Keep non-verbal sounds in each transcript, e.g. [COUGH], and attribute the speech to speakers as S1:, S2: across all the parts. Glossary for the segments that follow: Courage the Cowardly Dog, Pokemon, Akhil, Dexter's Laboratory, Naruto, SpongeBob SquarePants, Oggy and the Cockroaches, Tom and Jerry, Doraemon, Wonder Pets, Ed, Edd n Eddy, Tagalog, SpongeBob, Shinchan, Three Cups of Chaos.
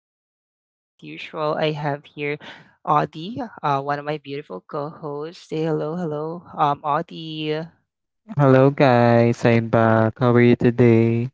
S1: Chaos, and as usual, I have here Audie, one of my beautiful co-hosts. Say hello, hello, Audie.
S2: Hello guys, I'm back. How are you today?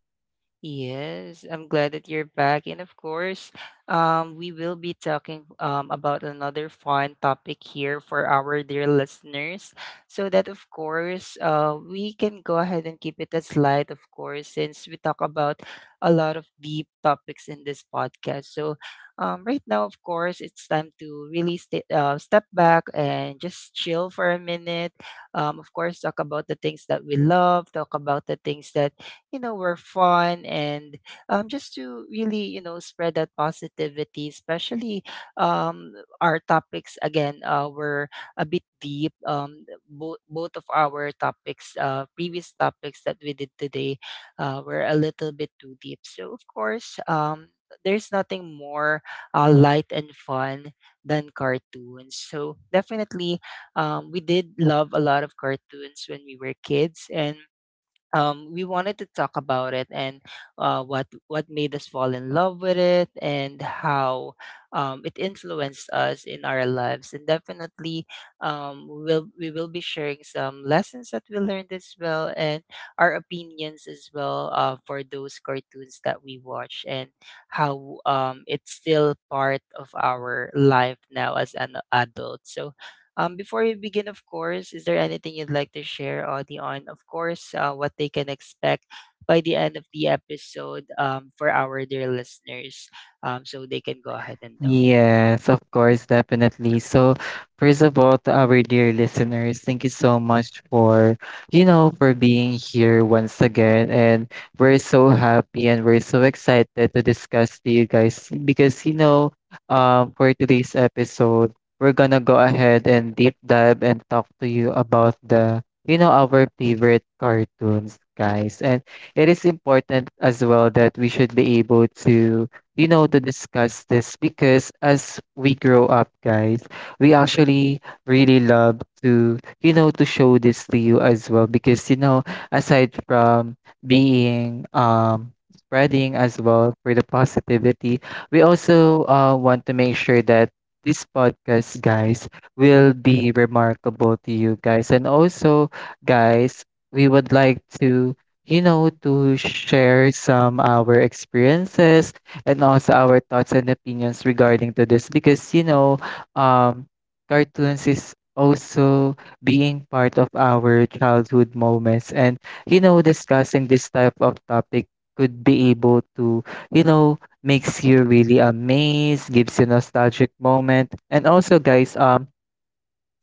S1: Yes, I'm glad that you're back. And of course, we will be talking about another fun topic here for our dear listeners. So that, of course, we can go ahead and keep it as light, of course, since we talk about a lot of deep topics in this podcast. So right now, of course, it's time to really step back and just chill for a minute. Of course, talk about the things that we love, talk about the things that were fun and just to really spread that positivity, especially um, our topics again were a bit deep, both of our topics, previous topics that we did today, were a little bit too deep. So of course, there's nothing more light and fun than cartoons. So definitely, we did love a lot of cartoons when we were kids, and we wanted to talk about it, and what made us fall in love with it, and how it influenced us in our lives. And definitely, we will be sharing some lessons that we learned as well, and our opinions as well, for those cartoons that we watch, and how it's still part of our life now as an adult. So before we begin, of course, is there anything you'd like to share, Audie, on, of course, what they can expect by the end of the episode, for our dear listeners, so they can go ahead and know?
S2: Yes, of course, definitely. So, first of all, to our dear listeners, thank you so much for, you know, for being here once again. And we're so happy and we're so excited to discuss to you guys because, you know, for today's episode, we're gonna go ahead and deep dive and talk to you about the, you know, our favorite cartoons, guys. And it is important as well that we should be able to you know, to discuss this because as we grow up, guys, we actually really love to, you know, to show this to you as well because, you know, aside from being, spreading as well for the positivity, we also want to make sure that this podcast, guys, will be remarkable to you guys. And also, guys, we would like to you know to share some our experiences and also our thoughts and opinions regarding to this because you know um cartoons is also being part of our childhood moments and you know discussing this type of topic could be able to you know makes you really amazed, gives you nostalgic moment. And also guys,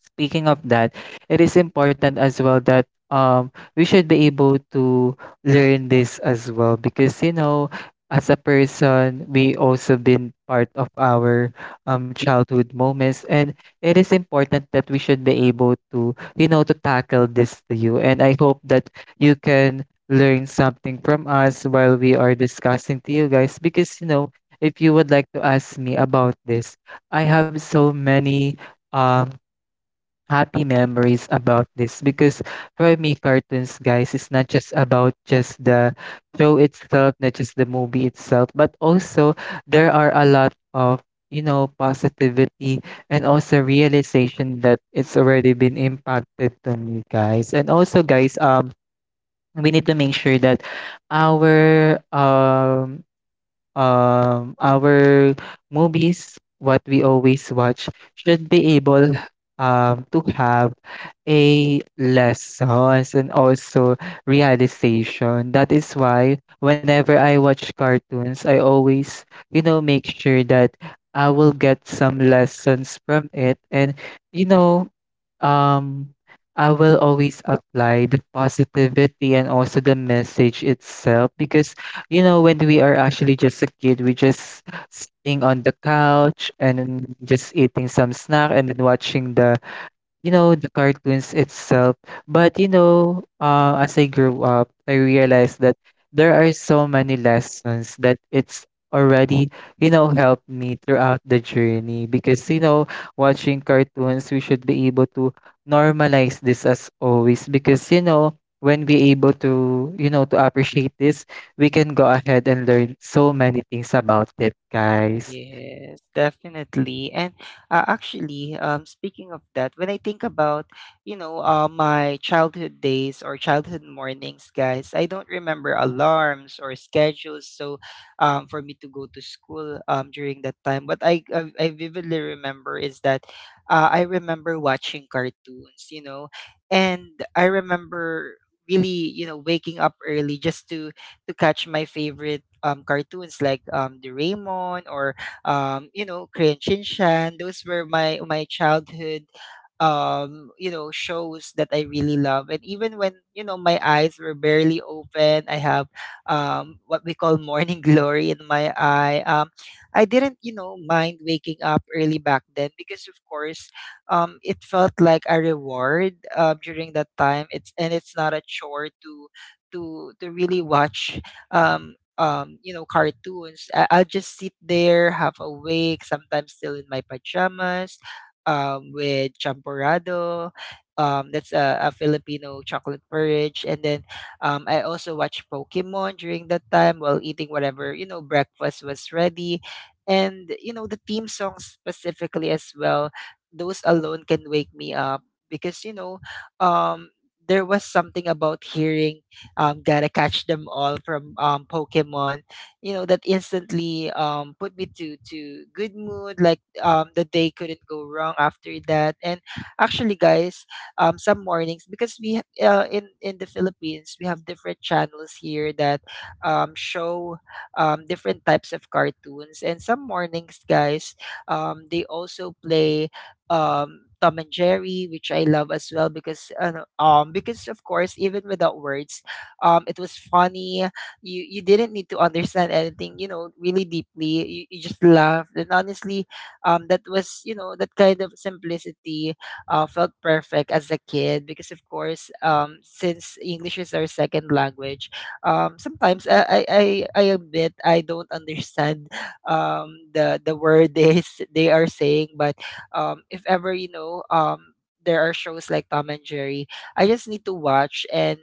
S2: speaking of that, it is important as well that we should be able to learn this as well because you know as a person we also been part of our childhood moments, and it is important that we should be able to you know to tackle this to you. And I hope that you can learn something from us while we are discussing to you guys because you know if you would like to ask me about this, I have so many um happy memories about this. Because for me cartoons guys is not just about just the show itself, not just the movie itself, but also there are a lot of you know positivity and also realization that it's already been impacted to me, guys. And also guys, we need to make sure that our um our movies what we always watch should be able to have a lessons and also realization. That is why whenever I watch cartoons I always you know make sure that I will get some lessons from it. And you know, um I will always apply the positivity and also the message itself. Because you know, when we are actually just a kid, we just sitting on the couch and then just eating some snack and then watching the you know, the cartoons itself. But you know, as I grew up, I realized that there are so many lessons that it's already, you know, helped me throughout the journey. Because you know, watching cartoons, we should be able to normalize this as always because you know, when we able to, you know, to appreciate this, we can go ahead and learn so many things about it, guys.
S1: Yes, definitely. And actually, speaking of that, when I think about, my childhood days or childhood mornings, guys, I don't remember alarms or schedules. So, for me to go to school during that time, what I vividly remember is that I remember watching cartoons, you know, and I remember really, you know, waking up early just to catch my favorite cartoons like Doraemon or you know, Korean Shinchan. Those were my childhood you know, shows that I really love. And even when, you know, my eyes were barely open, I have what we call morning [LAUGHS] glory in my eye. I didn't, you know, mind waking up early back then, because of course it felt like a reward during that time. It's not a chore to really watch um you know, cartoons. I'll just sit there half awake, sometimes still in my pajamas, with champorado. That's a Filipino chocolate porridge. And then I also watch Pokemon during that time while eating whatever, you know, breakfast was ready. And, you know, the theme songs specifically as well, those alone can wake me up because, you know, um, there was something about hearing gotta catch them all from Pokemon. You know that instantly put me to good mood. Like the day couldn't go wrong after that. And actually, guys, some mornings, because we in the Philippines we have different channels here that show different types of cartoons. And some mornings, guys, they also play Tom and Jerry, which I love as well, because of course, even without words, it was funny. You didn't need to understand anything, you know, really deeply. You just laughed, and honestly, that was, you know, that kind of simplicity felt perfect as a kid. Because of course, since english is our second language, sometimes I admit, I don't understand the word [LAUGHS] they are saying. But if ever, you know, there are shows like Tom and Jerry. I just need to watch, and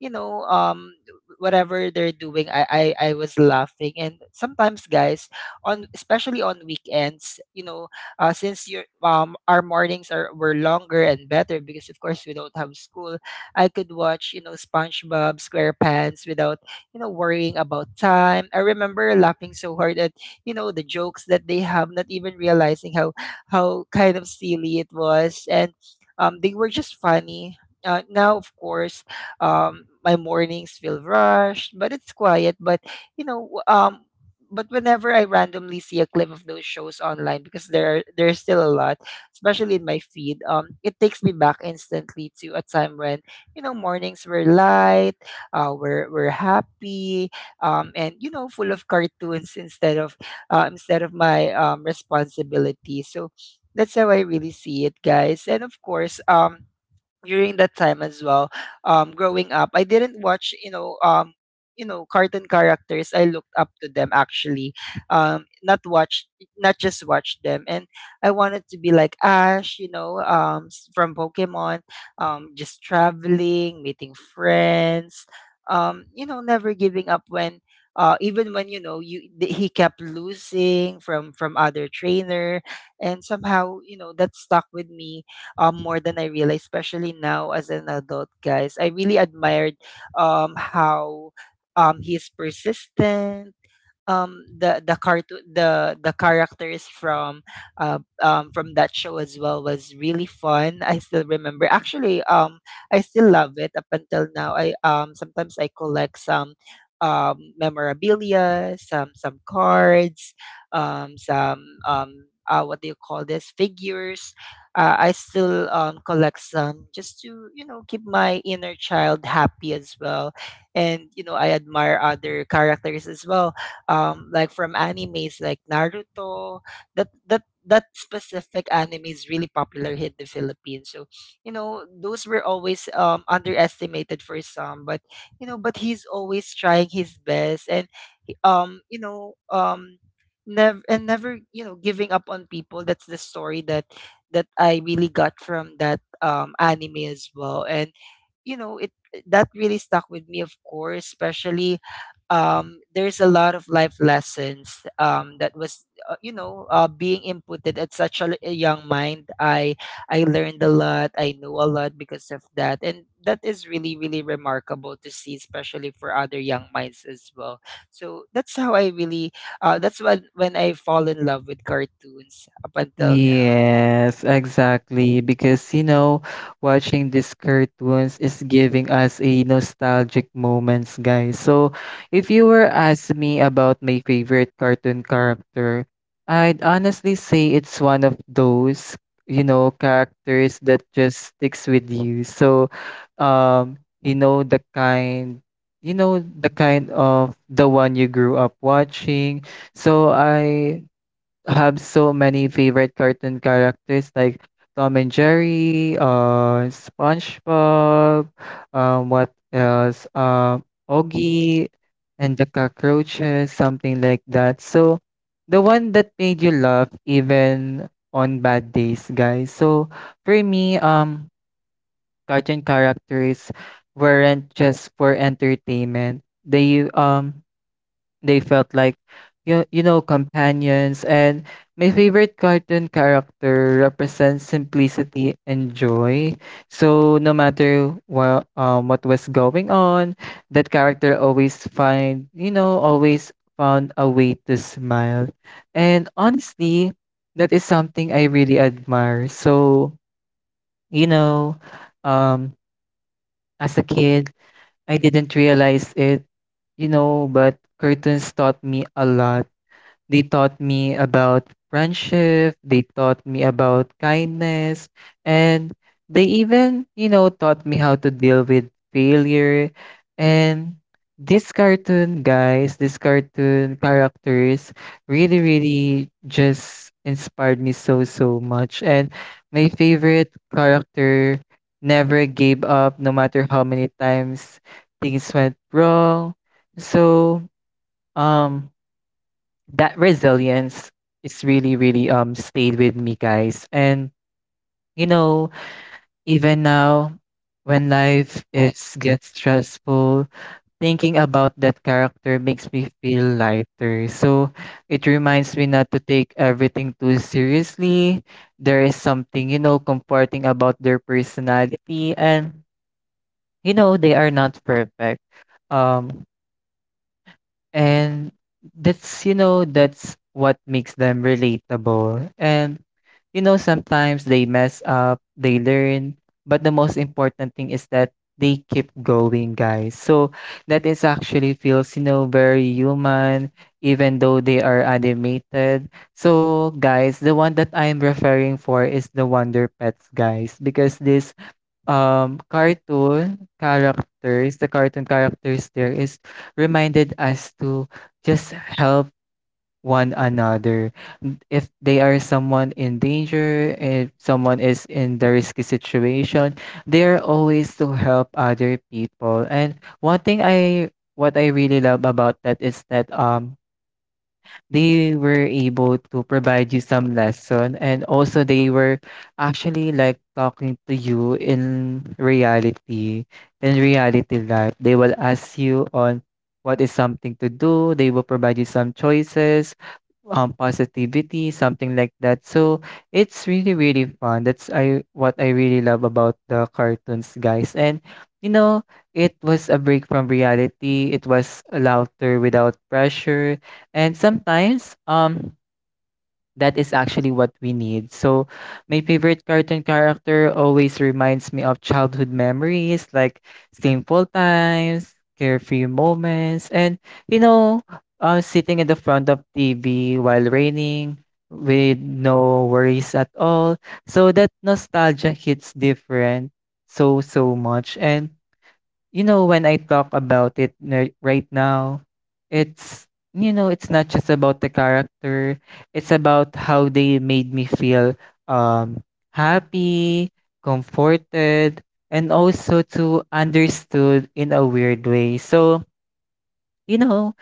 S1: you know, whatever they're doing, I was laughing. And sometimes, guys, on especially on weekends, you know, since your our mornings are were longer and better, because of course we don't have school, I could watch, you know, SpongeBob SquarePants without, you know, worrying about time. I remember laughing so hard at, you know, the jokes that they have, not even realizing how kind of silly it was, and they were just funny. Now of course, my mornings feel rushed, but it's quiet. But you know, w- um, but whenever I randomly see a clip of those shows online, because there's still a lot, especially in my feed, it takes me back instantly to a time when, you know, mornings were light, we're happy, and you know, full of cartoons [LAUGHS] instead of my responsibility. So that's how I really see it, guys. And of course, during that time as well, growing up, I didn't watch, cartoon characters, I looked up to them actually, not watch, not just watch them. And I wanted to be like Ash, you know, from Pokemon, just traveling, meeting friends, you know, never giving up when, even when, you know, he kept losing from other trainer. And somehow, you know, that stuck with me more than I realized, especially now as an adult, guys. I really admired how he's persistent. The cartoon, the characters from that show as well was really fun. I still remember actually. I still love it up until now. I Sometimes I collect some memorabilia, some cards, some what do you call this, figures. I still collect some, just to, you know, keep my inner child happy as well. And you know, I admire other characters as well, like from animes like Naruto. That specific anime is really popular here in the Philippines. So you know, those were always underestimated for some, but you know, but he's always trying his best, and um you know um never, you know, giving up on people. That's the story that that I really got from that anime as well. And you know, it that really stuck with me, of course, especially there's a lot of life lessons that was, you know, being inputted at such a, a young mind. I learned a lot, I know a lot because of that, and that is really really remarkable to see, especially for other young minds as well. So that's how I really, that's when I fall in love with cartoons up until now.
S2: Yes, exactly. Because, you know, watching these cartoons is giving us a nostalgic moments, guys. So, if you were asking me about my favorite cartoon character, I'd honestly say it's one of those, you know, characters that just sticks with you. So, um, you know, the kind, you know, the kind of the one you grew up watching. So, I have so many favorite cartoon characters like Tom and Jerry, SpongeBob, what else? Oggy and the Cockroaches, something like that. So, the one that made you laugh even on bad days, guys. So, for me, cartoon characters weren't just for entertainment. They they felt like you know, companions. And my favorite cartoon character represents simplicity and joy. So no matter what was going on, that character always find you know always found a way to smile. And honestly, that is something I really admire. So, you know, um as a kid, I didn't realize it you know, but cartoons taught me a lot. They taught me about friendship, they taught me about kindness, and they even, you know, taught me how to deal with failure. And this cartoon, guys, this cartoon characters really, really just inspired me so, so much. And my favorite character never gave up no matter how many times things went wrong. So, um, that resilience is really really stayed with me, guys. And you know even now when life is gets stressful, thinking about that character makes me feel lighter. So it reminds me not to take everything too seriously. There is something you know comforting about their personality and you know they are not perfect. um And that's, you know, that's what makes them relatable. And, you know, sometimes they mess up, they learn, but the most important thing is that they keep going, guys. So that is actually feels, you know, very human, even though they are animated. So, guys, the one that I'm referring for is the Wonder Pets, guys, because this cartoon characters, the cartoon characters there is reminded us to just help one another. N- If they are someone in danger, if someone is in the risky situation, they are always to help other people. And one thing I what I really love about that is that they were able to provide you some lesson, and also they were actually like talking to you in reality, in reality life. They will ask you on what is something to do, they will provide you some choices, positivity, something like that. So it's really really fun. That's I what I really love about the cartoons, guys. And you know, it was a break from reality. It was laughter without pressure, and sometimes that is actually what we need. So, my favorite cartoon character always reminds me of childhood memories like simple times, carefree moments, and you know, sitting in the front of TV while raining with no worries at all. So, that nostalgia hits different so, so much. And you know, when I talk about it ni right now, it's you know, it's not just about the character, it's about how they made me feel um, happy, comforted, and also to understood in a weird way. So, you know,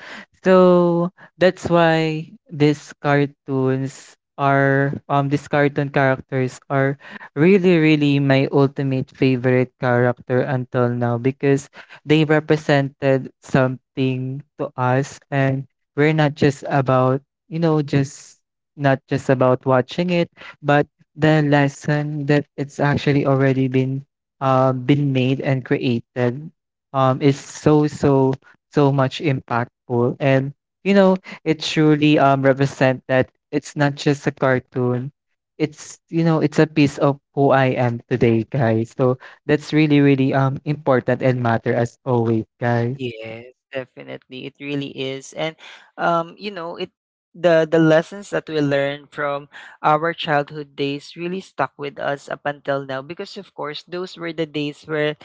S2: so that's why these cartoons are these cartoon characters are really really my ultimate favorite character until now, because they represented something to us. And we're not just about you know just not just about watching it but the lesson that it's actually already been made and created is so so so much impactful. And, you know, it truly represent that it's not just a cartoon. It's, you know, it's a piece of who I am today, guys. So that's really, really important and matter as always, guys.
S1: Yes, definitely. It really is. And you know, it the lessons that we learned from our childhood days really stuck with us up until now, because of course those were the days where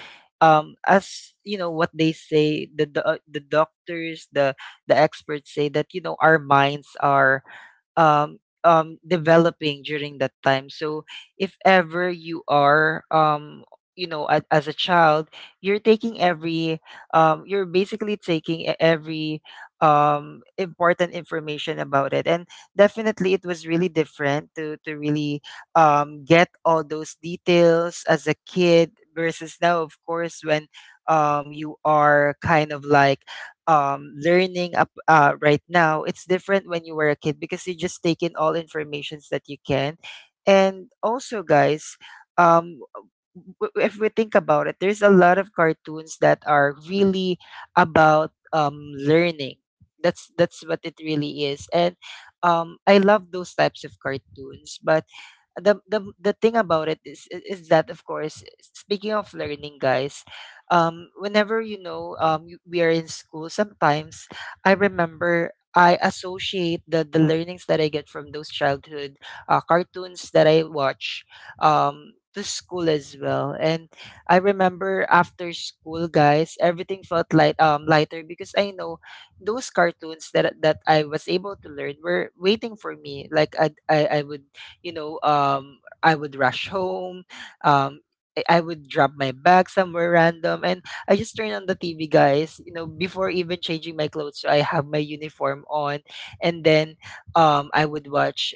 S1: as you know what they say, the doctors, the experts say that, you know, our minds are um, developing during that time. So if ever you are, you know, as a child, you're taking every, you're basically taking every important information about it. And definitely, it was really different to really get all those details as a kid versus now, of course, when you are kind of like learning up, right now. It's different when you were a kid, because you just take in all informations that you can. And also, guys, um, if we think about it, there's a lot of cartoons that are really about learning. That's what it really is, and I love those types of cartoons. But the thing about it is that of course, speaking of learning, guys, whenever, we are in school, sometimes I remember, I associate the learnings that I get from those childhood cartoons that I watch to school as well. And I remember after school, guys, everything felt lighter, because I know those cartoons that that I was able to learn were waiting for me. Like I would, I would rush home. Um, I I would drop my bag somewhere random, and I just turn on the TV, guys. You know, before even changing my clothes, so I have my uniform on, and then I would watch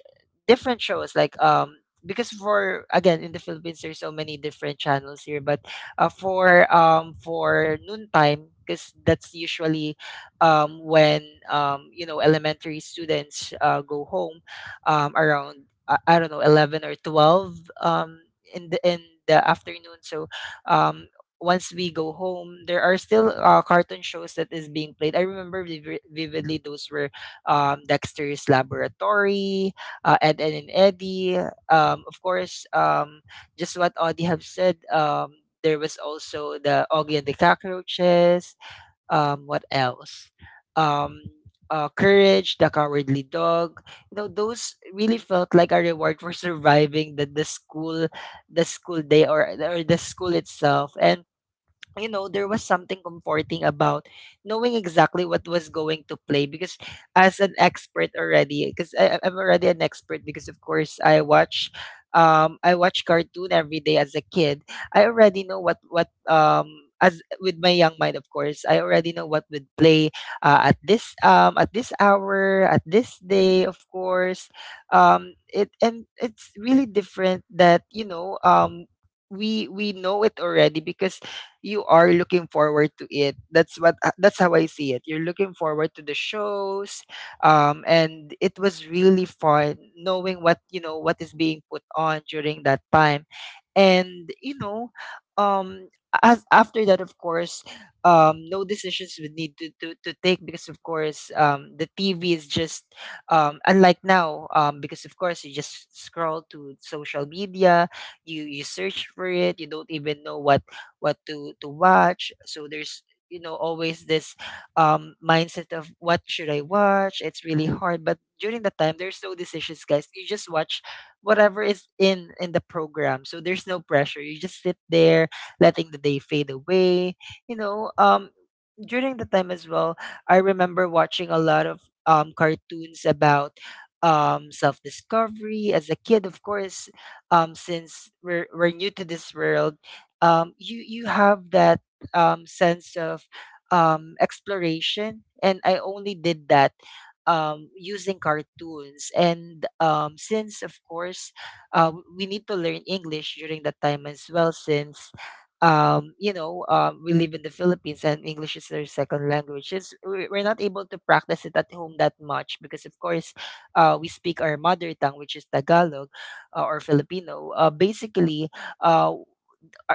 S1: different shows like, because, for again, in the Philippines there's so many different channels here, but for noontime, because that's usually when you know, elementary students go home, around, I don't know, 11 or 12, in the afternoon. So um once we go home, there are still cartoon shows that is being played. I remember vividly those were, Dexter's Laboratory, Ed, and eddie of course, just what Audie have said, there was also the Augie and the Cockroaches. Um, what else? Um, Courage the Cowardly Dog. You know, those really felt like a reward for surviving the school, the school day, or the school itself. And you know, there was something comforting about knowing exactly what was going to play, because as an expert already, because am already an expert, because of course I watch cartoon every day as a kid. I already know what, as with my young mind, of course, I already know what would play at this, at this hour, at this day, of course. It and it's really different that, you know, we know it already, because you are looking forward to it. That's what that's how I see it. You're looking forward to the shows, and it was really fun knowing what, you know, what is being put on during that time. and you know, um, as after that, of course, no decisions would need to take, because of course, the TV is just, unlike now, because of course you just scroll to social media, you search for it, you don't even know what to watch, so there's, you know, always this mindset of what should I watch. It's really hard. But during the time there's no decisions, guys, you just watch whatever is in the program, so there's no pressure, you just sit there letting the day fade away. you know um During the time as well, I remember watching a lot of cartoons about self discovery as a kid. Of course, since we're new to this world, you have that sense of exploration, and I only did that. Using cartoons. And since of course we need to learn English during that time as well, since we live in the Philippines and English is their second language. It's, we're not able to practice it at home that much because, of course, we speak our mother tongue, which is Tagalog or Filipino. Basically, uh,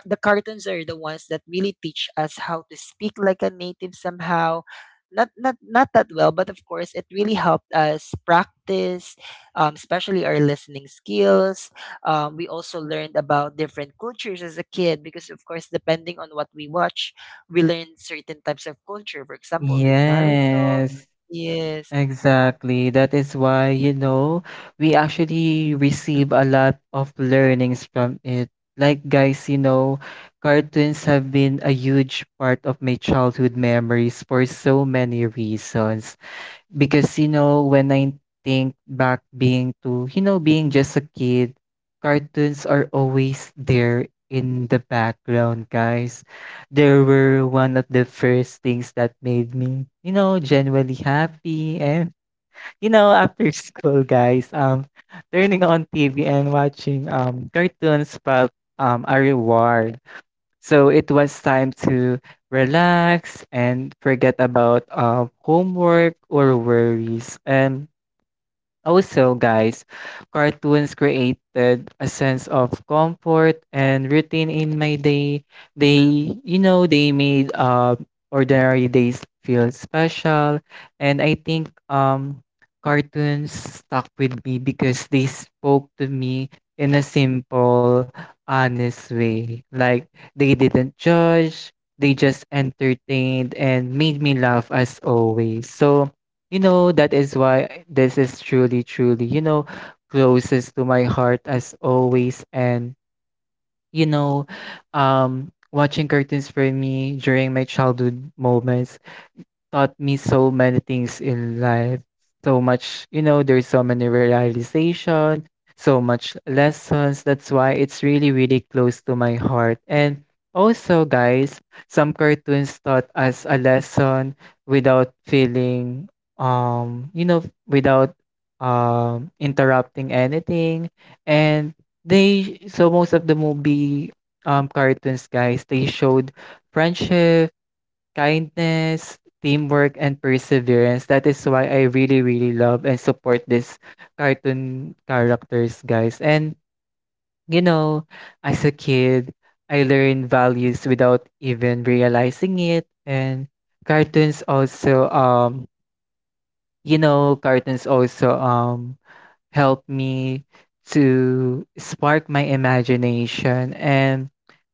S1: the cartoons are the ones that really teach us how to speak like a native somehow. Not not that well, but of course it really helped us practice, especially our listening skills. We also learned about different cultures as a kid, because of course, depending on what we watch, we learn certain types of culture, for example with Naruto,
S2: Yes.
S1: yes.
S2: Exactly. That is why, you know, we actually receive a lot of learnings from it. Like, guys, you know, cartoons have been a huge part of my childhood memories for so many reasons. Because, you know, when I think back being to, you know, being just a kid, cartoons are always there in the background, guys. They were one of the first things that made me, you know, genuinely happy. And you know, after [LAUGHS] school, guys, turning on TV and watching cartoons felt a reward. So it was time to relax and forget about homework or worries. And also, guys, cartoons created a sense of comfort and routine in my day. They, you know, they made ordinary days feel special. And I think cartoons stuck with me because they spoke to me in a simple, honest way. Like, they didn't judge, they just entertained and made me laugh as always. So, you know, that is why this is truly, truly, you know, closest to my heart as always. And, you know, watching cartoons for me during my childhood moments taught me so many things in life. So much, you know, there's so many realization, so much lessons. That's why it's really, really close to my heart. And also, guys, some cartoons taught us a lesson without feeling, you know, without interrupting anything. And they, so most of the movie cartoons, guys, they showed friendship, kindness, teamwork, and perseverance. That is why I really, really love and support these cartoon characters, guys. And, you know, as a kid, I learned values without even realizing it. And cartoons also, you know, cartoons also help me to spark my imagination, and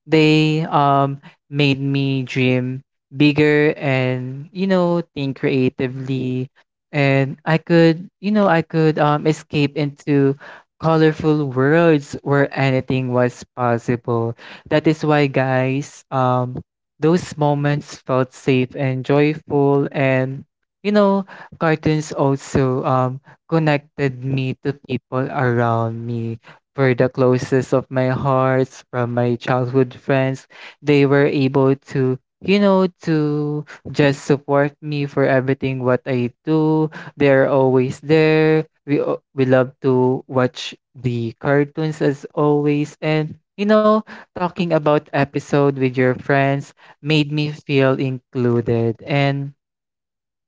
S2: they made me dream bigger and you know think creatively. And I could you know I could escape into colorful worlds where anything was possible. That is why, guys, those moments felt safe and joyful, and you know cartoons also connected me to people around me. For the closest of my hearts, from my childhood friends, they were able to, to just support me for everything what I do. They're always there. We love to watch the cartoons as always, and talking about episode with your friends made me feel included and.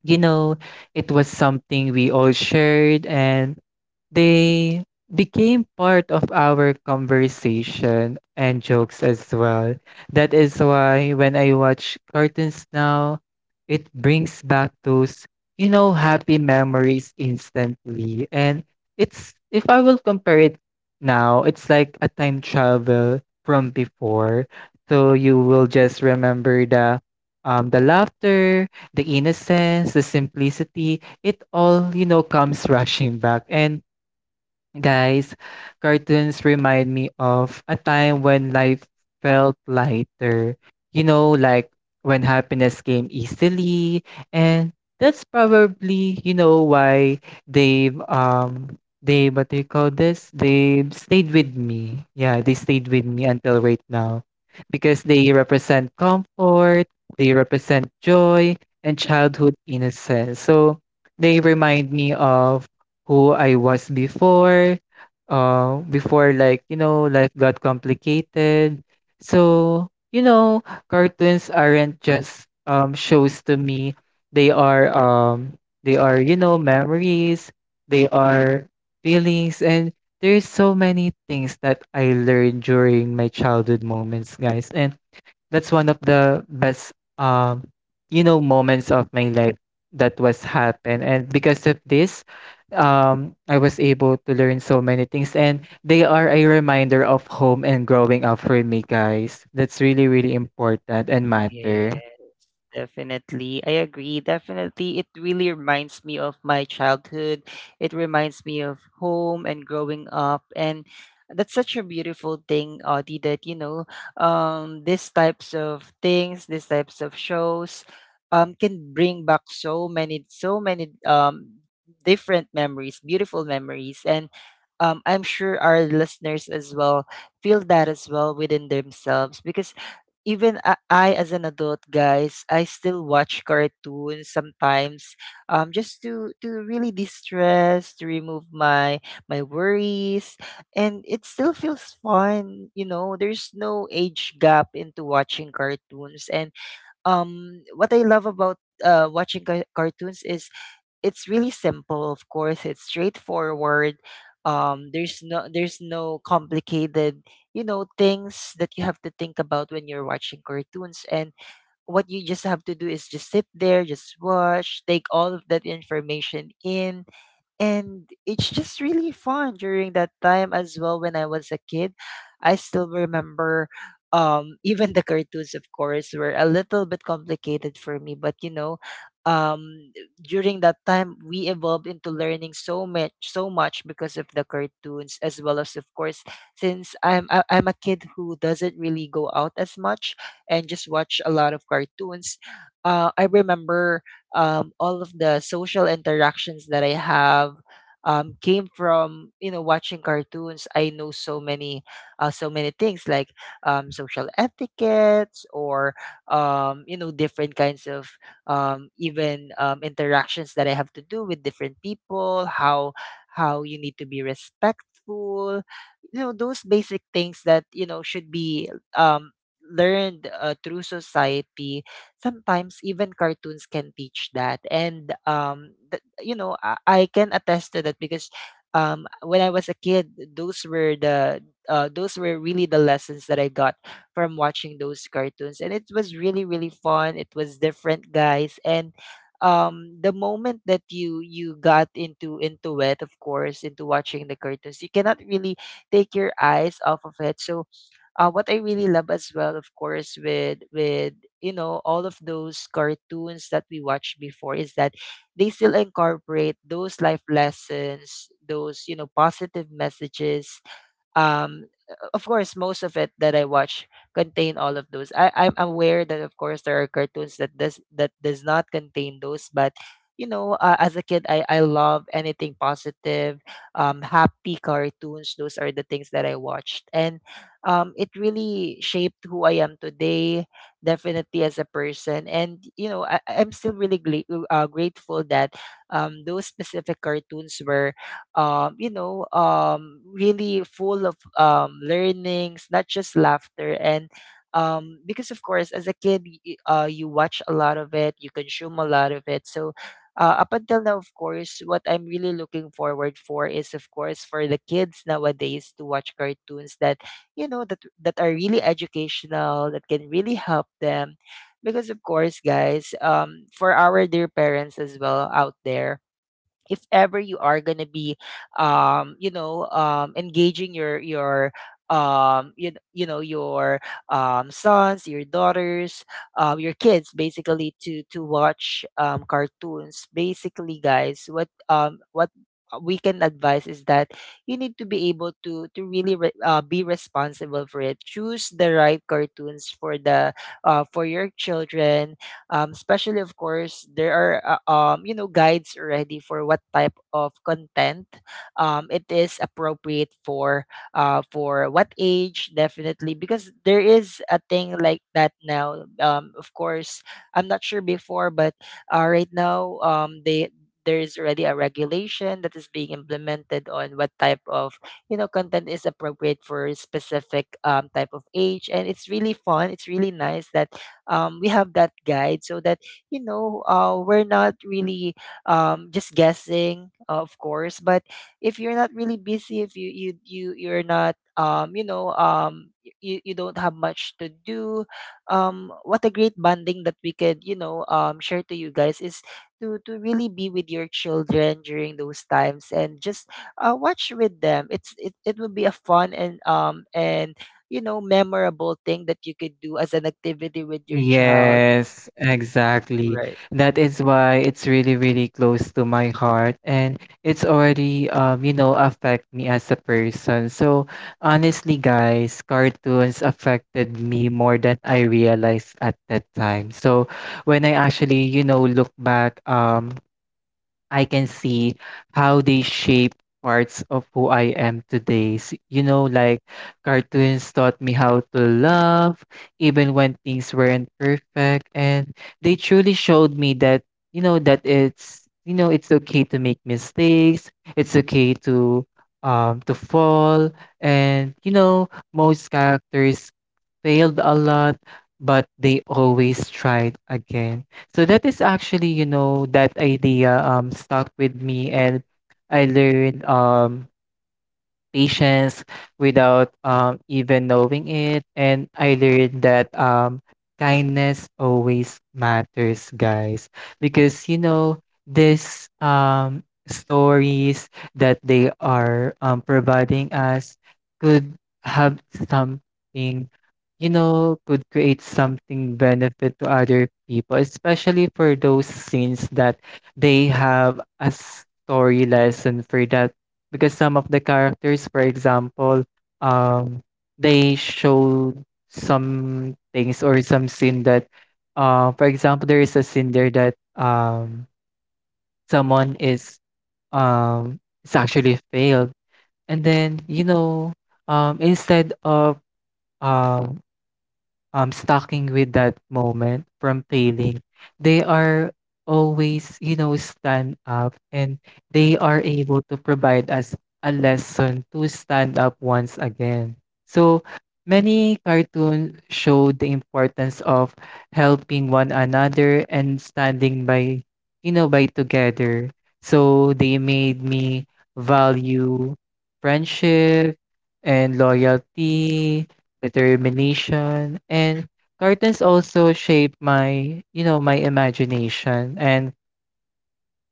S2: You know, it was something we all shared, and they became part of our conversation and jokes as well. That is why when I watch cartoons now, it brings back those, you know, happy memories instantly. And it's, if I will compare it now, it's like a time travel from before. So you will just remember the laughter, the innocence, the simplicity, it all, you know, comes [LAUGHS] rushing back. And guys, cartoons remind me of a time when life felt lighter. You know, like when happiness came easily, and that's probably, you know, why they what do you call this? They stayed with me. Yeah, they stayed with me until right now. Because they represent comfort, they represent joy and childhood innocence. So they remind me of who I was before, before, like, you know, life got complicated. So, you know, cartoons aren't just shows to me. They are um they are, you know, memories, they are feelings, and there's so many things that I learned during my childhood moments, guys. And that's one of the best um you know moments of my life that was happened, and because of this I was able to learn so many things, and they are a reminder of home and growing up for me, guys. That's really, really important and matter.
S1: Yes, definitely. I agree. Definitely. It really reminds me of my childhood. It reminds me of home and growing up. And that's such a beautiful thing, Audie, that, you know, these types of things, these types of shows, can bring back so many, so many, different memories, beautiful memories. And, I'm sure our listeners as well feel that as well within themselves, because even I, as an adult, guys, I still watch cartoons sometimes, just to really distress, to remove my worries, and it still feels fun. You know, there's no age gap into watching cartoons. And what I love about watching cartoons is it's really simple, of course, it's straightforward. There's no, there's no complicated, you know, things that you have to think about when you're watching cartoons. And what you just have to do is just sit there, just watch, take all of that information in. And it's just really fun. During that time as well, when I was a kid, I still remember, even the cartoons, of course, were a little bit complicated for me, but you know, um during that time we evolved into learning so much, so much, because of the cartoons as well. As of course, since I'm I, I'm a kid who doesn't really go out as much, and just watch a lot of cartoons. I remember, all of the social interactions that I have, came from, you know, watching cartoons. I know so many, so many things like social etiquettes, or you know, different kinds of even interactions that I have to do with different people. How you need to be respectful. You know, those basic things that, you know, should be um, learned through society. Sometimes even cartoons can teach that. And you know, I can attest to that, because when I was a kid, those were the, those were really the lessons that I got from watching those cartoons, and it was really really fun. It was different, guys. And the moment that you got into it, of course, into watching the cartoons, you cannot really take your eyes off of it. So what I really love as well, of course, with you know, all of those cartoons that we watched before, is that they still incorporate those life lessons, those, you know, positive messages. um, of course, most of it that I watch contain all of those. I'm aware that, of course, there are cartoons that does not contain those, but you know, as a kid, I love anything positive, happy cartoons. Those are the things that I watched. And it really shaped who I am today, definitely, as a person. And you know, I'm still really grateful that those specific cartoons were really full of learnings, not just laughter. And because, of course, as a kid, you watch a lot of it, you consume a lot of it. So up until now, of course, what I'm really looking forward for is, of course, for the kids nowadays to watch cartoons that, you know, that are really educational, that can really help them. Because, of course, guys, for our dear parents as well out there, if ever you are going to be engaging your you, you know, your sons, your daughters, your kids, basically, to watch cartoons. Basically, guys, what we can advise is that you need to be able to really be responsible for it. Choose the right cartoons for the, for your children. Especially of course, there are you know, guides already for what type of content it is appropriate for, for what age, definitely. Because there is a thing like that now. Of course, I'm not sure before, but right now, they there is already a regulation that is being implemented on what type of, you know, content is appropriate for a specific type of age. And it's really fun, it's really nice that we have that guide, so that, you know, we're not really just guessing, of course. But if you're not really busy, if you you're not, you, you don't have much to do, what a great bonding that we could, you know, share to you guys is to really be with your children during those times, and just watch with them. It's it would be a fun and you know, memorable thing that you could do as an activity with your child,
S2: Yes, exactly.
S1: right?
S2: That is why it's really, really close to my heart, and it's already you know, affect me as a person. So honestly, guys, cartoons affected me more than I realized at that time. So when I actually, you know, look back, I can see how they shape parts of who I am today. You know, like cartoons taught me how to love even when things weren't perfect, and they truly showed me that you know that it's you know it's okay to make mistakes, it's okay to fall, and you know most characters failed a lot, but they always tried again. So that is actually, you know, that idea stuck with me, and I learned patience without even knowing it. And I learned that kindness always matters, guys, because you know this stories that they are providing us could have something, you know, could create something benefit to other people, especially for those scenes that they have a story lesson for that. Because some of the characters, for example, um, they showed some things or some scene that, for example, there is a scene there that someone is actually failed, and then you know, um instead of um, stocking with that moment from failing, they are always you know stand up, and they are able to provide us a lesson to stand up once again. So many cartoons show the importance of helping one another and standing by, you know, by together. So they made me value friendship and loyalty, determination, and cartoons also shaped my, you know, my imagination, and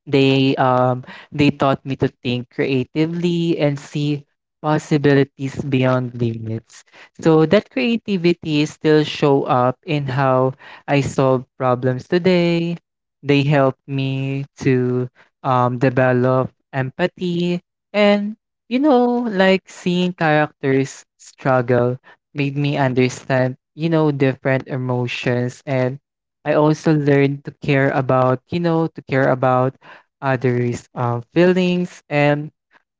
S2: they um they taught me to think creatively and see possibilities beyond limits. So that creativity still show up in how I solve problems today. They help me to develop empathy and you know, like seeing characters struggle made me understand, you know, different emotions, and I also learned to care about, you know, to care about others' feelings, and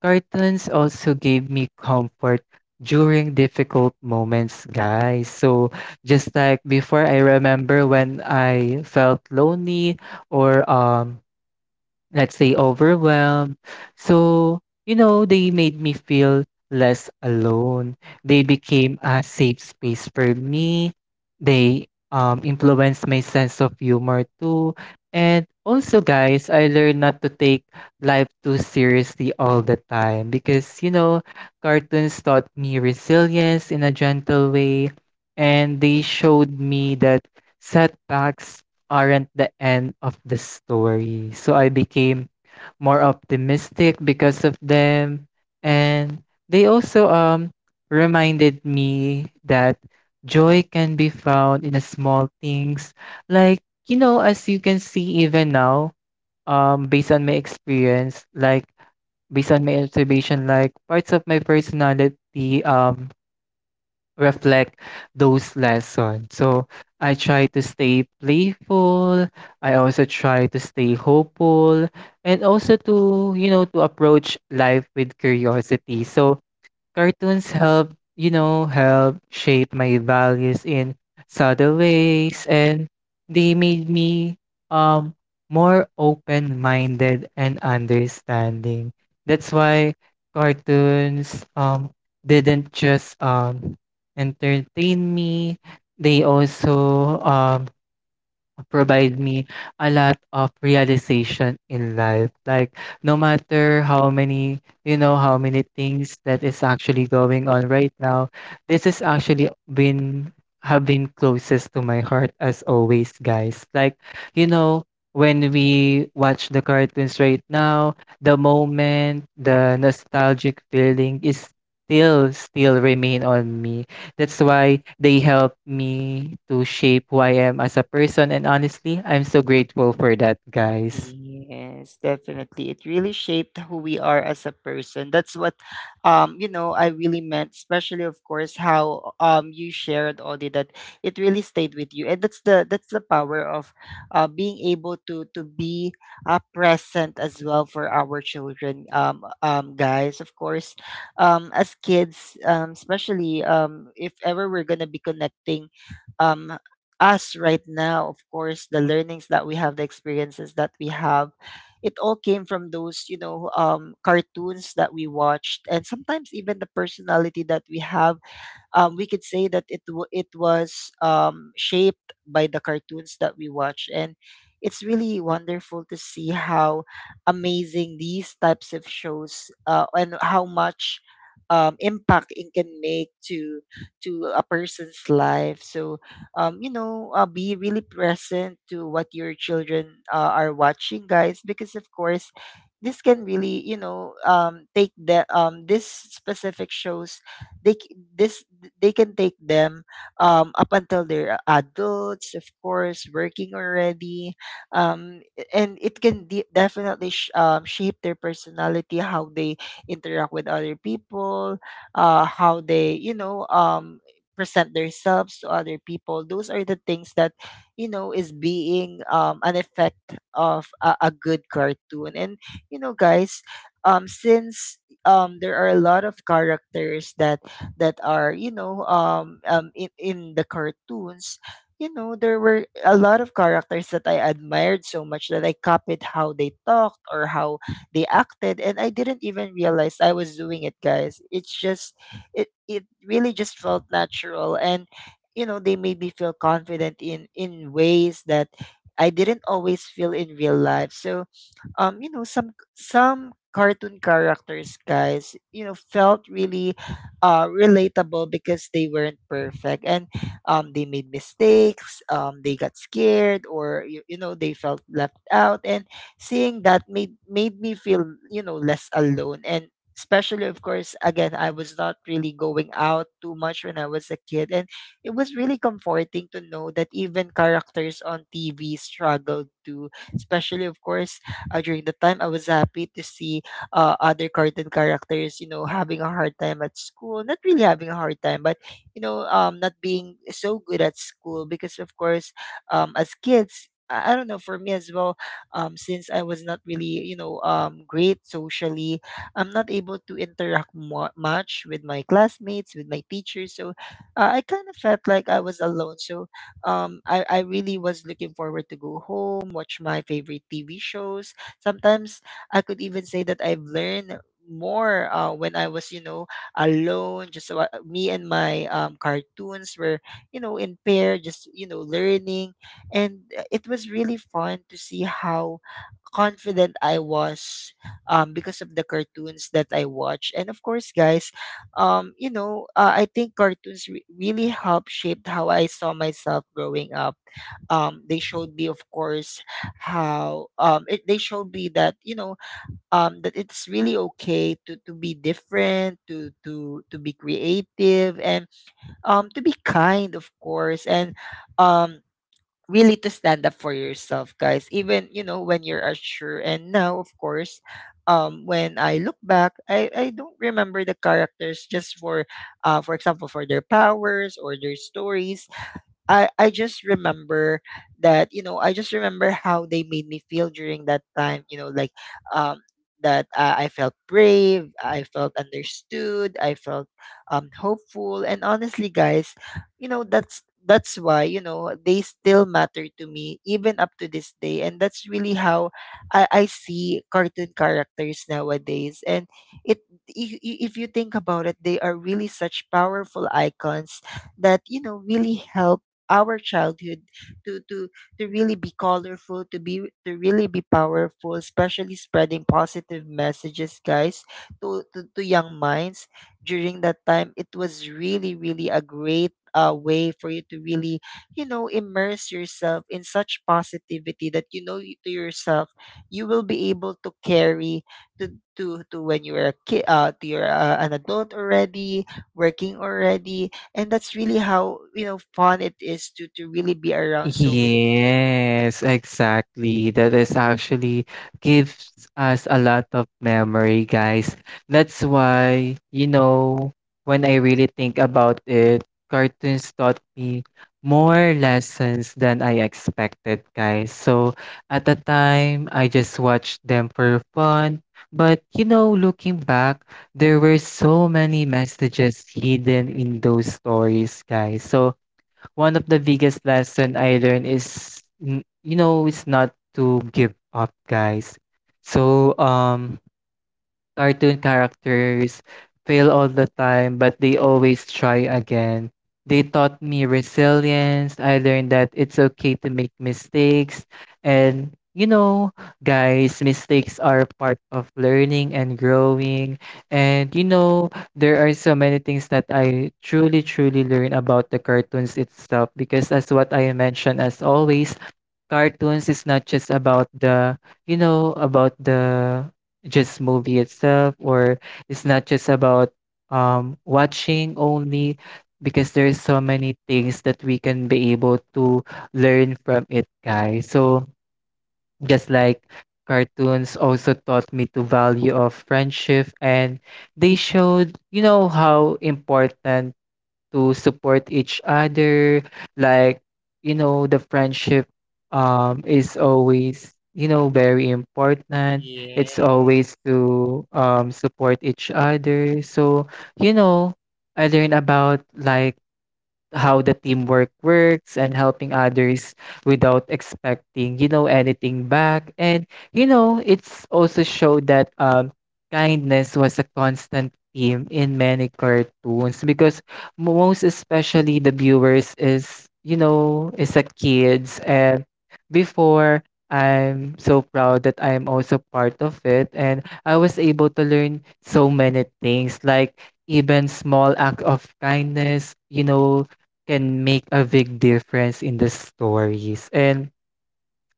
S2: cartoons also gave me comfort during difficult moments, guys. So, just like before, I remember when I felt lonely or let's say overwhelmed. So, you know, they made me feel less alone. They became a safe space for me. They influenced my sense of humor too. And also, guys, I learned not to take life too seriously all the time, because you know, cartoons taught me resilience in a gentle way, and they showed me that setbacks aren't the end of the story. So I became more optimistic because of them. And they also reminded me that joy can be found in the small things. Like, you know, as you can see even now, based on my experience, like based on my observation, like parts of my personality um reflect those lessons. So I try to stay playful. I also try to stay hopeful, and also to, you know, to approach life with curiosity. So cartoons help, you know, help shape my values in subtle ways, and they made me um more open-minded and understanding. That's why cartoons didn't just entertain me, they also provide me a lot of realization in life. Like no matter how many, you know, how many things that is actually going on right now, this is actually been have been closest to my heart as always, guys. Like, you know, when we watch the cartoons right now, the moment, the nostalgic feeling is still remain on me. That's why they helped me to shape who I am as a person. And honestly, I'm so grateful for that, guys.
S1: Yes, definitely. It really shaped who we are as a person. That's what you know, I really meant, especially of course how you shared, Audie, that it really stayed with you. And that's the, that's the power of being able to be present as well for our children. Guys, of course, as kids, especially if ever we're gonna be connecting um us right now, of course, the learnings that we have, the experiences that we have, it all came from those, you know, cartoons that we watched. And sometimes even the personality that we have, we could say that it was shaped by the cartoons that we watch. And it's really wonderful to see how amazing these types of shows and how much impact it can make to a person's life. So be really present to what your children are watching, guys, because of course, this can really, take the this specific shows. They c- this they can take them up until they're adults, of course, working already. Um, and it can definitely shape their personality, how they interact with other people, how they, present themselves to other people. Those are the things that, is being an effect of a good cartoon. And, you know, guys, since there are a lot of characters that are in the cartoons. You know, there were a lot of characters that I admired so much that I copied how they talked or how they acted, and I didn't even realize I was doing it, guys. It really just felt natural. And you know, they made me feel confident in ways that I didn't always feel in real life. So you know, some cartoon characters, guys, you know, felt really relatable because they weren't perfect, and they made mistakes, they got scared, or you know, they felt left out. And seeing that made me feel, you know, less alone. And especially of course, again, I was not really going out too much when I was a kid, and it was really comforting to know that even characters on TV struggled too. Especially of course, during the time, I was happy to see other cartoon characters, you know, having a hard time at school. Not really having a hard time, but you know, not being so good at school because, of course, as kids. I don't know. For me as well, since I was not really, great socially, I'm not able to interact much with my classmates, with my teachers. So I kind of felt like I was alone. So I really was looking forward to go home, watch my favorite TV shows. Sometimes I could even say that I've learned more when I was, you know, alone, just me and my cartoons were, you know, in pair, just, you know, learning. And it was really fun to see how confident I was because of the cartoons that I watched. And of course, guys, I think cartoons really helped shape how I saw myself growing up. They showed me, of course, how they showed me that, you know, that it's really okay to be different, to be creative, and to be kind, of course, and um, really to stand up for yourself, guys. Even you know, when you're unsure. And now, of course, when I look back, I don't remember the characters just for example, for their powers or their stories. I just remember that, you know, I just remember how they made me feel during that time, you know, like um that I felt brave, I felt understood, I felt hopeful. And honestly, guys, you know, that's why, you know, they still matter to me, even up to this day. And that's really how I see cartoon characters nowadays. And it if you think about it, they are really such powerful icons that, you know, really help our childhood to to to really be colorful, to really be powerful, especially spreading positive messages, guys, to young minds during that time. It was really really a great way for you to really, you know, immerse yourself in such positivity that, you know, to yourself, you will be able to carry to when you are a kid, to your an adult already, working already. And that's really how, you know, fun it is to really be around so many people.
S2: Yes, exactly. That is actually gives us a lot of memory, guys. That's why, you know, when I really think about it, cartoons taught me more lessons than I expected, guys. So at the time, I just watched them for fun. But, you know, looking back, there were so many messages hidden in those stories, guys. So, one of the biggest lesson I learned is, you know, it's not to give up, guys. So, cartoon characters fail all the time, but they always try again. They taught me resilience. I learned that it's okay to make mistakes. And, you know, guys, mistakes are part of learning and growing. And, you know, there are so many things that I truly, truly learn about the cartoons itself because, as what I mentioned, as always, cartoons is not just about the, you know, about the just movie itself, or it's not just about watching only, because there's so many things that we can be able to learn from it, guys. So just like cartoons also taught me to value of friendship, and they showed you know how important to support each other. Like, you know, the friendship is always, you know, very important. It's
S1: Yes.
S2: always to support each other. So you know I learned about, like, how the teamwork works and helping others without expecting, you know, anything back. And you know it's also showed that kindness was a constant theme in many cartoons, because most especially the viewers is, you know, is a kids, and before, I'm so proud that I am also part of it, and I was able to learn so many things. Like even small act of kindness, you know, can make a big difference in the stories. And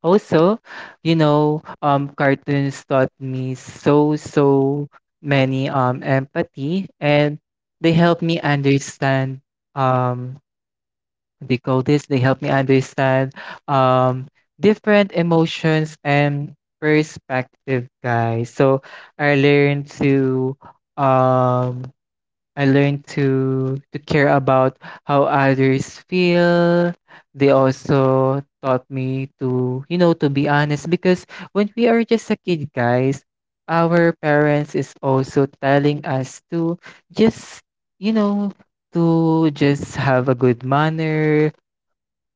S2: also, you know, cartoons taught me so, so many empathy, and they help me understand um what they call this, they help me understand um different emotions and perspective, guys. So I learned to um I learned to care about how others feel. They also taught me to, you know, to be honest, because when we are just a kid, guys, our parents is also telling us to just, you know, to just have a good manner.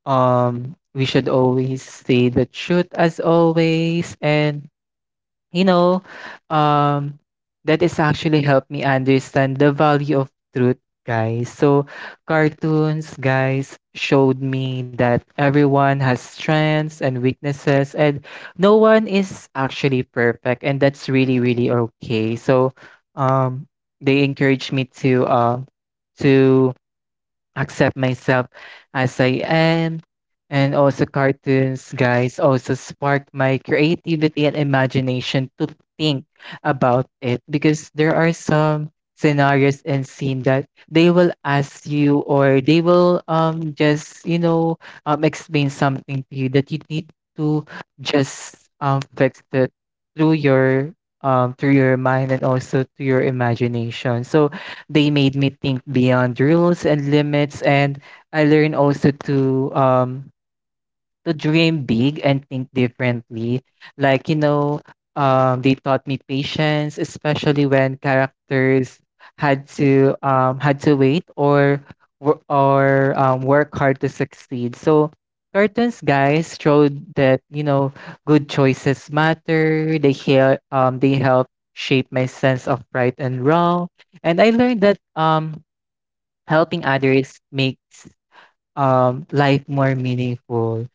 S2: We should always say the truth as always, and you know, um, that is actually helped me understand the value of truth, guys. So, cartoons, guys, showed me that everyone has strengths and weaknesses, and no one is actually perfect, and that's really, really okay. So, um, they encouraged me to accept myself as I am. And also, cartoons, guys, also sparked my creativity and imagination to think about it, because there are some scenarios and scene that they will ask you, or they will just you know explain something to you that you need to just fix it through your through your mind and also to your imagination. So they made me think beyond rules and limits, and I learned also to dream big and think differently. Like, you know, they taught me patience, especially when characters had to had to wait or work hard to succeed. So cartoons, guys, showed that you know good choices matter. They help shape my sense of right and wrong, and I learned that helping others makes life more meaningful,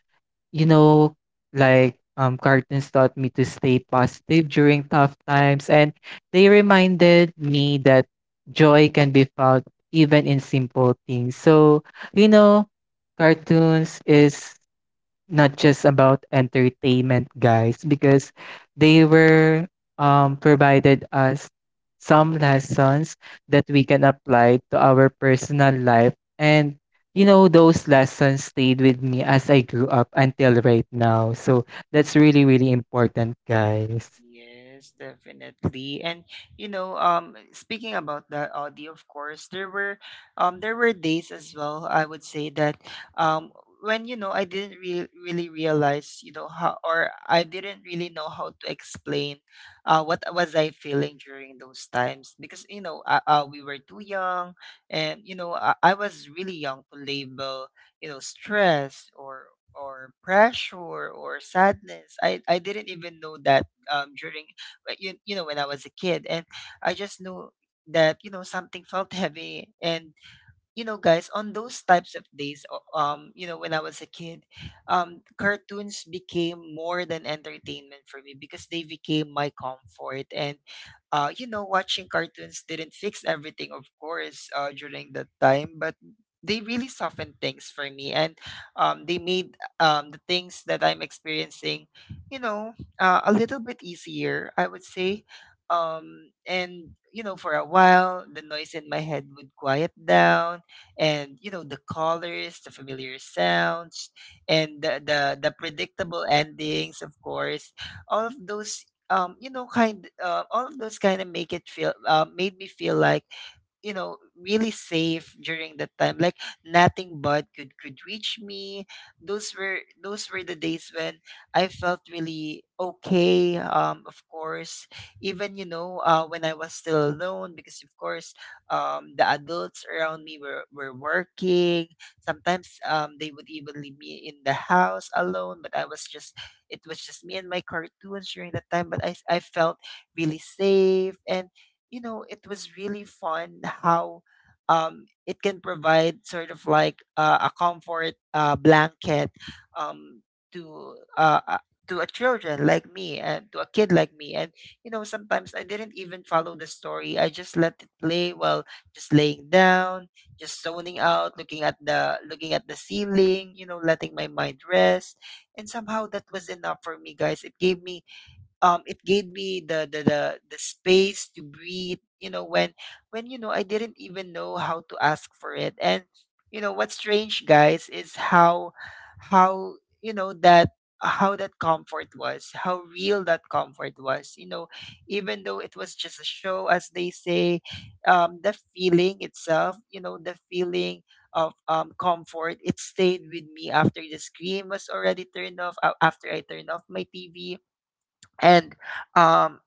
S2: you know, like cartoons taught me to stay positive during tough times, and they reminded me that joy can be found even in simple things. So, you know, cartoons is not just about entertainment, guys, because they were provided us some lessons that we can apply to our personal life. And, you know, those lessons stayed with me as I grew up until right now. So that's really, really important, guys.
S1: Yes, definitely. And you know, speaking about the audio, of course, there were days as well, I would say, that um when you know, I didn't really realize, you know, how, or I didn't really know how to explain what was I feeling during those times, because you know, we were too young. And you know, I was really young to label, you know, stress or pressure or sadness. I didn't even know that um, during you know, when I was a kid, and I just knew that, you know, something felt heavy. And you know, guys, on those types of days you know, when I was a kid, cartoons became more than entertainment for me, because they became my comfort. And you know, watching cartoons didn't fix everything, of course, during that time, but they really softened things for me. And they made the things that I'm experiencing, you know, a little bit easier, I would say. And you know, for a while, the noise in my head would quiet down. And you know, the colors, the familiar sounds, and the predictable endings, of course, all of those you know kind all of those kind of make it feel made me feel like, you know, really safe during that time, like nothing bad could reach me. Those were the days when I felt really okay. Of course, even you know, when I was still alone, because of course, the adults around me were working. Sometimes they would even leave me in the house alone. But I was just, it was just me and my cartoons during that time. But I felt really safe. And you know, it was really fun [LAUGHS] how it can provide sort of like a comfort blanket, um, to uh, uh, to a children like me, and to a kid like me. And you know, sometimes I didn't even follow the story. I just let it play while just laying down, just zoning out, looking at the ceiling. You know, letting my mind rest. And somehow that was enough for me, guys. It gave me the, the space to breathe, you know, when you know, I didn't even know how to ask for it. And you know, what's strange, guys, is how you know, that how real that comfort was, you know, even though it was just a show, as they say. The feeling itself, you know, the feeling of comfort, it stayed with me after the screen was already turned off, after I turned off my TV. And um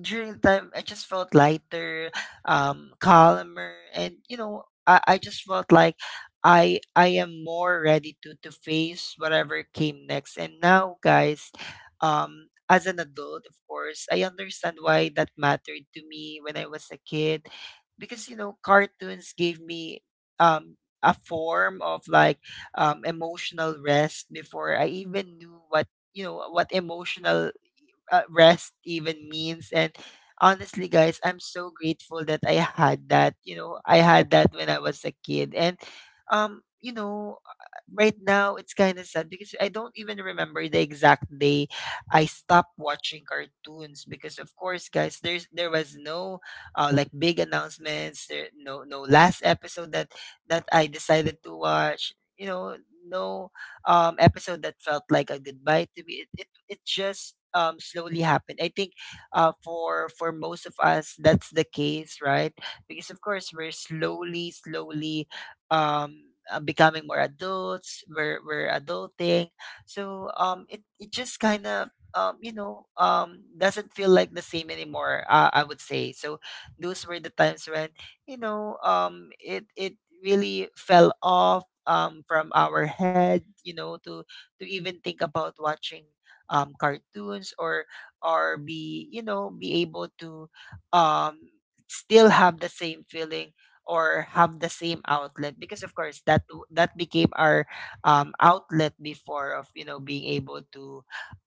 S1: during the time, I just felt lighter, calmer. And you know, I just felt like I am more ready to face whatever came next. And now, guys, as an adult, of course, I understand why that mattered to me when I was a kid. Because you know, cartoons gave me um a form of like emotional rest before I even knew what, you know, what emotional rest even means. And honestly, guys, I'm so grateful that I had that. You know, I had that when I was a kid. And, you know, right now, it's kind of sad because I don't even remember the exact day I stopped watching cartoons, because of course, guys, there was no like, big announcements, there no, no last episode that I decided to watch, you know, no episode that felt like a goodbye to me. It just slowly happened. I think for most of us, that's the case, right? Because of course, we're slowly, slowly becoming more adults. We're adulting. So it it just kind of doesn't feel like the same anymore. I would say so. Those were the times when, you know, it it really fell off from our head, you know, to even think about watching cartoons, or be you know, be able to um, still have the same feeling, or have the same outlet. Because of course, that that became our outlet before, of you know, being able to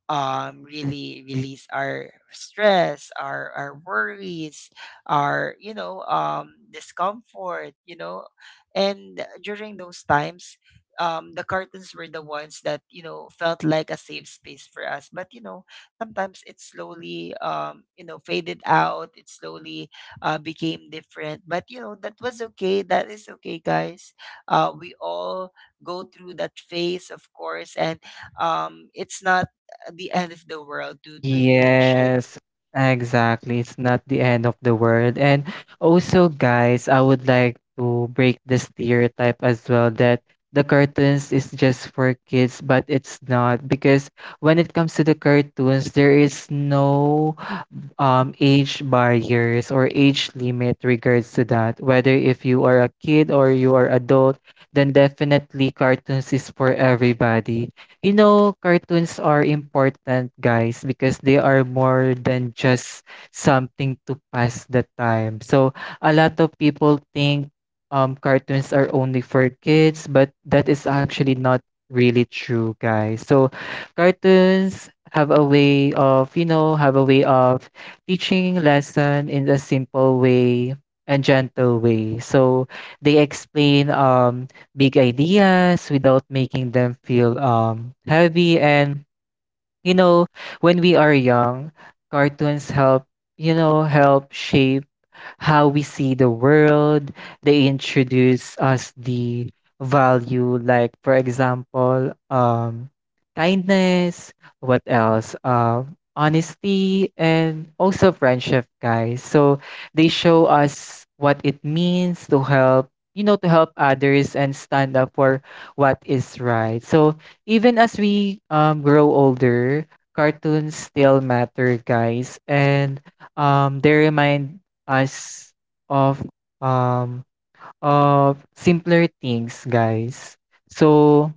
S1: really release our stress, our worries, our, you know, discomfort, you know. And during those times, the curtains were the ones that, you know, felt like a safe space for us. But you know, sometimes it slowly you know, faded out. It slowly became different. But you know, that was okay. That is okay, guys. We all go through that phase, of course, and it's not the end of the world to really
S2: Yes, exactly. It's not the end of the world. And also, guys, I would like to break the stereotype as well that the cartoons is just for kids, but it's not. Because when it comes to the cartoons, there is no age barriers or age limit regards to that. Whether if you are a kid or you are adult, then definitely cartoons is for everybody. You know, cartoons are important, guys, because they are more than just something to pass the time. So, a lot of people think cartoons are only for kids, but that is actually not really true, guys. So, cartoons have a way of, you know, have a way of teaching lesson in a simple way and gentle way. So, they explain big ideas without making them feel heavy. And you know, when we are young, cartoons help, you know, help shape how we see the world. They introduce us the value, like for example, kindness. What else? Honesty and also friendship, guys. So they show us what it means to help. You know, to help others and stand up for what is right. So even as we grow older, cartoons still matter, guys. And they remind as of, um, of simpler things, guys. So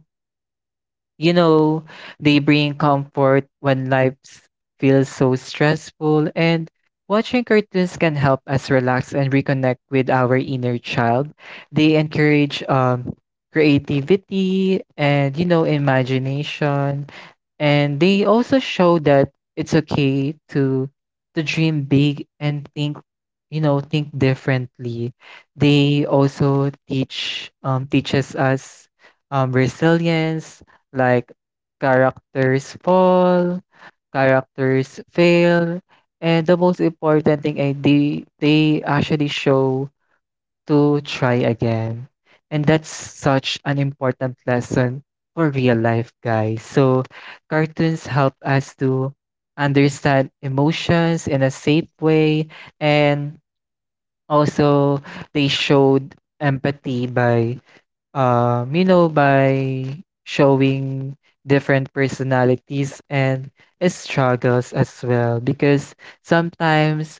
S2: you know, they bring comfort when feels so stressful, and watching cartoons can help us relax and reconnect with our inner child. They encourage creativity and, you know, imagination, and they also show that it's okay to dream big and think, you know, think differently. They also teach teaches us resilience, like characters fall, characters fail, and the most important thing ay they actually show to try again. And that's such an important lesson for real life, guys. So cartoons help us to understand emotions in a safe way, and also they showed empathy by, you know, by showing different personalities and struggles as well. Because sometimes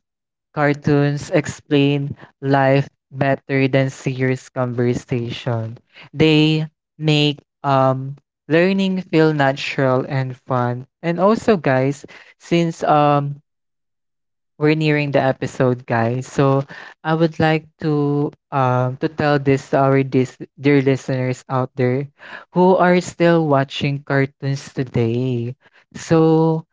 S2: cartoons explain life better than serious conversation. They make learning feel natural and fun. And also guys, since we're nearing the episode, guys. So I would like to tell this to our dear listeners out there who are still watching cartoons today. So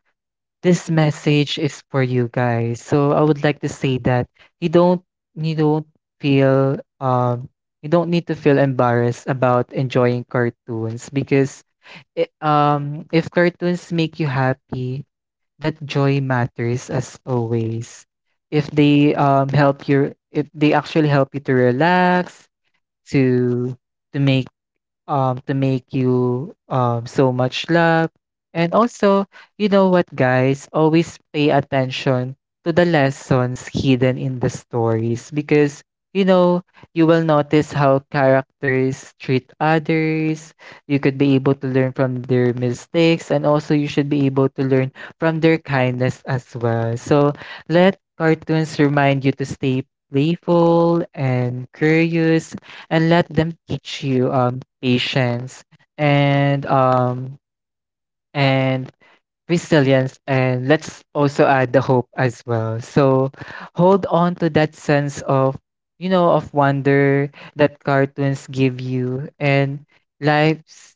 S2: this message is for you guys. So I would like to say that you don't you don't feel you don't need to feel embarrassed about enjoying cartoons, because it, if cartoons make you happy, that joy matters as always. If they help you, if they actually help you to relax, to to make to make you so much love. And also, you know what guys, always pay attention to the lessons hidden in the stories, because you know, you will notice how characters treat others. You could be able to learn from their mistakes, and also you should be able to learn from their kindness as well. So let cartoons remind you to stay playful and curious, and let them teach you patience and and resilience, and let's also add the hope as well. So hold on to that sense of, you know, of wonder that cartoons give you. And life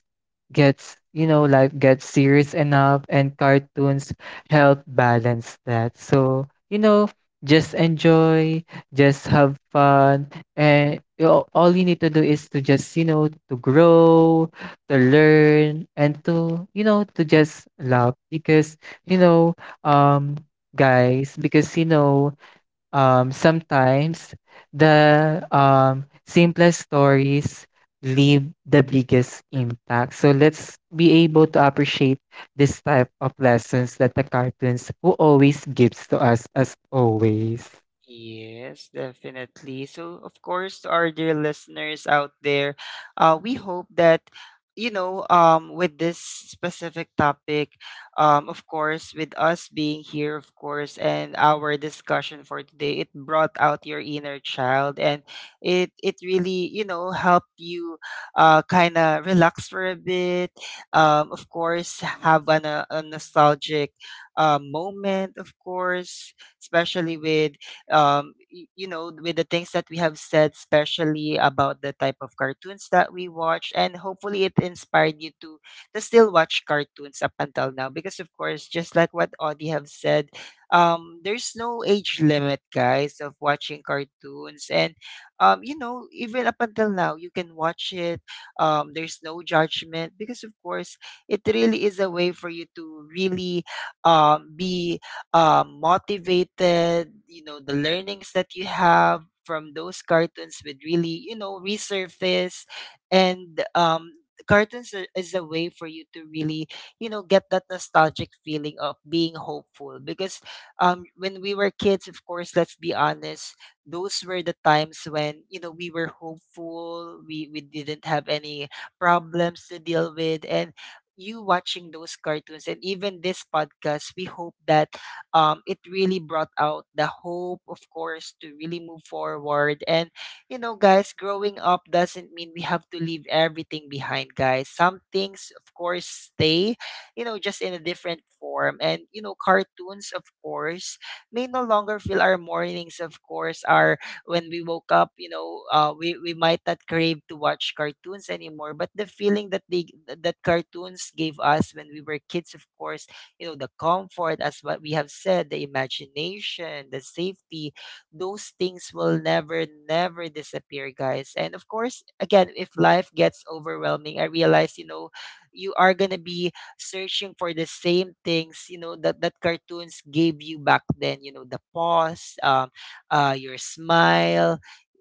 S2: gets, you know, life gets serious enough, and cartoons help balance that. So you know, just enjoy, just have fun. And you know, all you need to do is to just, you know, to grow, to learn, and to, you know, to just love. Because, you know, um, guys, because, you know, sometimes the simplest stories leave the biggest impact. So let's be able to appreciate this type of lessons that the cartoons who always gives to us as always.
S1: Yes, definitely. So, of course, to our dear listeners out there, we hope that with this specific topic, of course, with us being here, of course, and our discussion for today, it brought out your inner child, and it really helped you, kind of relax for a bit. Of course, have an, a, no, a nostalgic, moment, of course, especially with you know, with the things that we have said, especially about the type of cartoons that we watch, and hopefully it inspired you to still watch cartoons up until now. Because of course, just like what Audie have said, there's no age limit, guys, of watching cartoons, and you know, even up until now, you can watch it. There's no judgment because of course, it really is a way for you to really be motivated, you know, the learnings that you have from those cartoons would really, you know, resurface. And cartoons is a way for you to really, you know, get that nostalgic feeling of being hopeful. Because when we were kids, of course, let's be honest, those were the times when, you know, we were hopeful, we didn't have any problems to deal with. And you watching those cartoons and even this podcast, we hope that it really brought out the hope, of course, to really move forward. And, you know, guys, growing up doesn't mean we have to leave everything behind, guys. Some things, of course, stay, you know, just in a different form. And, you know, cartoons, of course, may no longer fill our mornings, of course, our when we woke up, you know, we might not crave to watch cartoons anymore, but the feeling that cartoons gave us when we were kids, of course, you know, the comfort as what we have said, the imagination, the safety, those things will never disappear, guys. And of course again, if life gets overwhelming, I realize, you know, you are going to be searching for the same things, you know, that cartoons gave you back then, you know, the pause, your smile,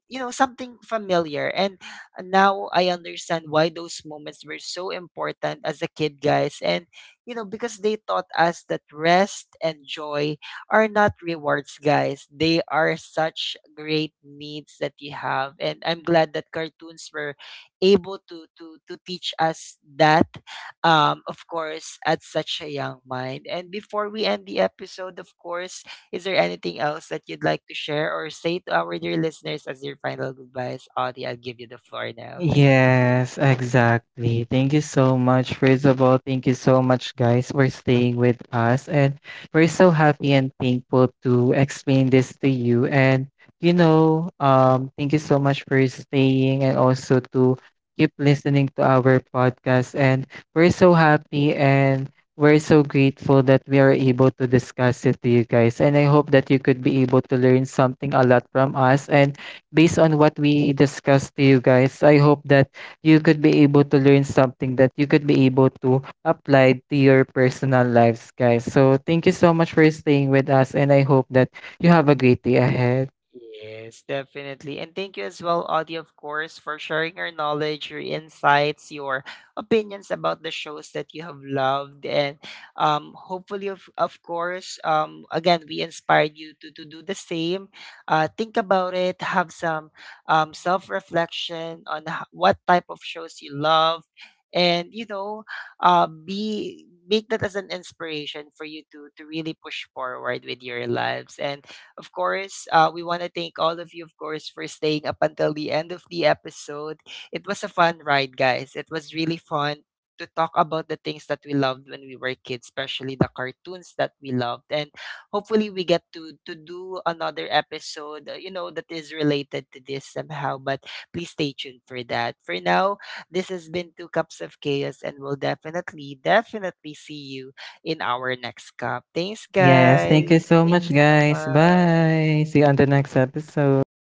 S1: you know, something familiar. And now I understand why those moments were so important as a kid, guys. And you know, because they taught us that rest and joy are not rewards, guys. They are such great needs that you have. And I'm glad that cartoons were able to teach us that, of course, at such a young mind. And before we end the episode, of course, is there anything else that you'd like to share or say to our dear listeners as your final goodbyes? Audie, I'll give you the floor now.
S2: Yes, exactly. Thank you so much. First of all, thank you so much, guys, for staying with us. And we're so happy and thankful to explain this to you. And, you know, thank you so much for staying and also to keep listening to our podcast. And we're so happy and we're so grateful that we are able to discuss it to you guys. And I hope that you could be able to learn something a lot from us. And based on what we discussed to you guys, I hope that you could be able to learn something that you could be able to apply to your personal lives, guys. So thank you so much for staying with us, and I hope that you have a great day ahead.
S1: Yes, definitely. And thank you as well, Audie, of course, for sharing your knowledge, your insights, your opinions about the shows that you have loved. And hopefully, of course, again, we inspired you to do the same. Think about it, have some self reflection on what type of shows you love. And, you know, be make that as an inspiration for you to really push forward with your lives. And of course, we want to thank all of you, of course, for staying up until the end of the episode. It was a fun ride, guys. It was really fun to talk about the things that we loved when we were kids, especially the cartoons that we loved. And hopefully, we get to do another episode, you know, that is related to this somehow. But please stay tuned for that. For now, this has been Two Cups of Chaos, and we'll definitely, definitely see you in our next cup. Thanks,
S2: Yes, thank
S1: guys.
S2: you so much,
S1: Thanks.
S2: guys.
S1: Bye.
S2: Bye. See you on the next episode.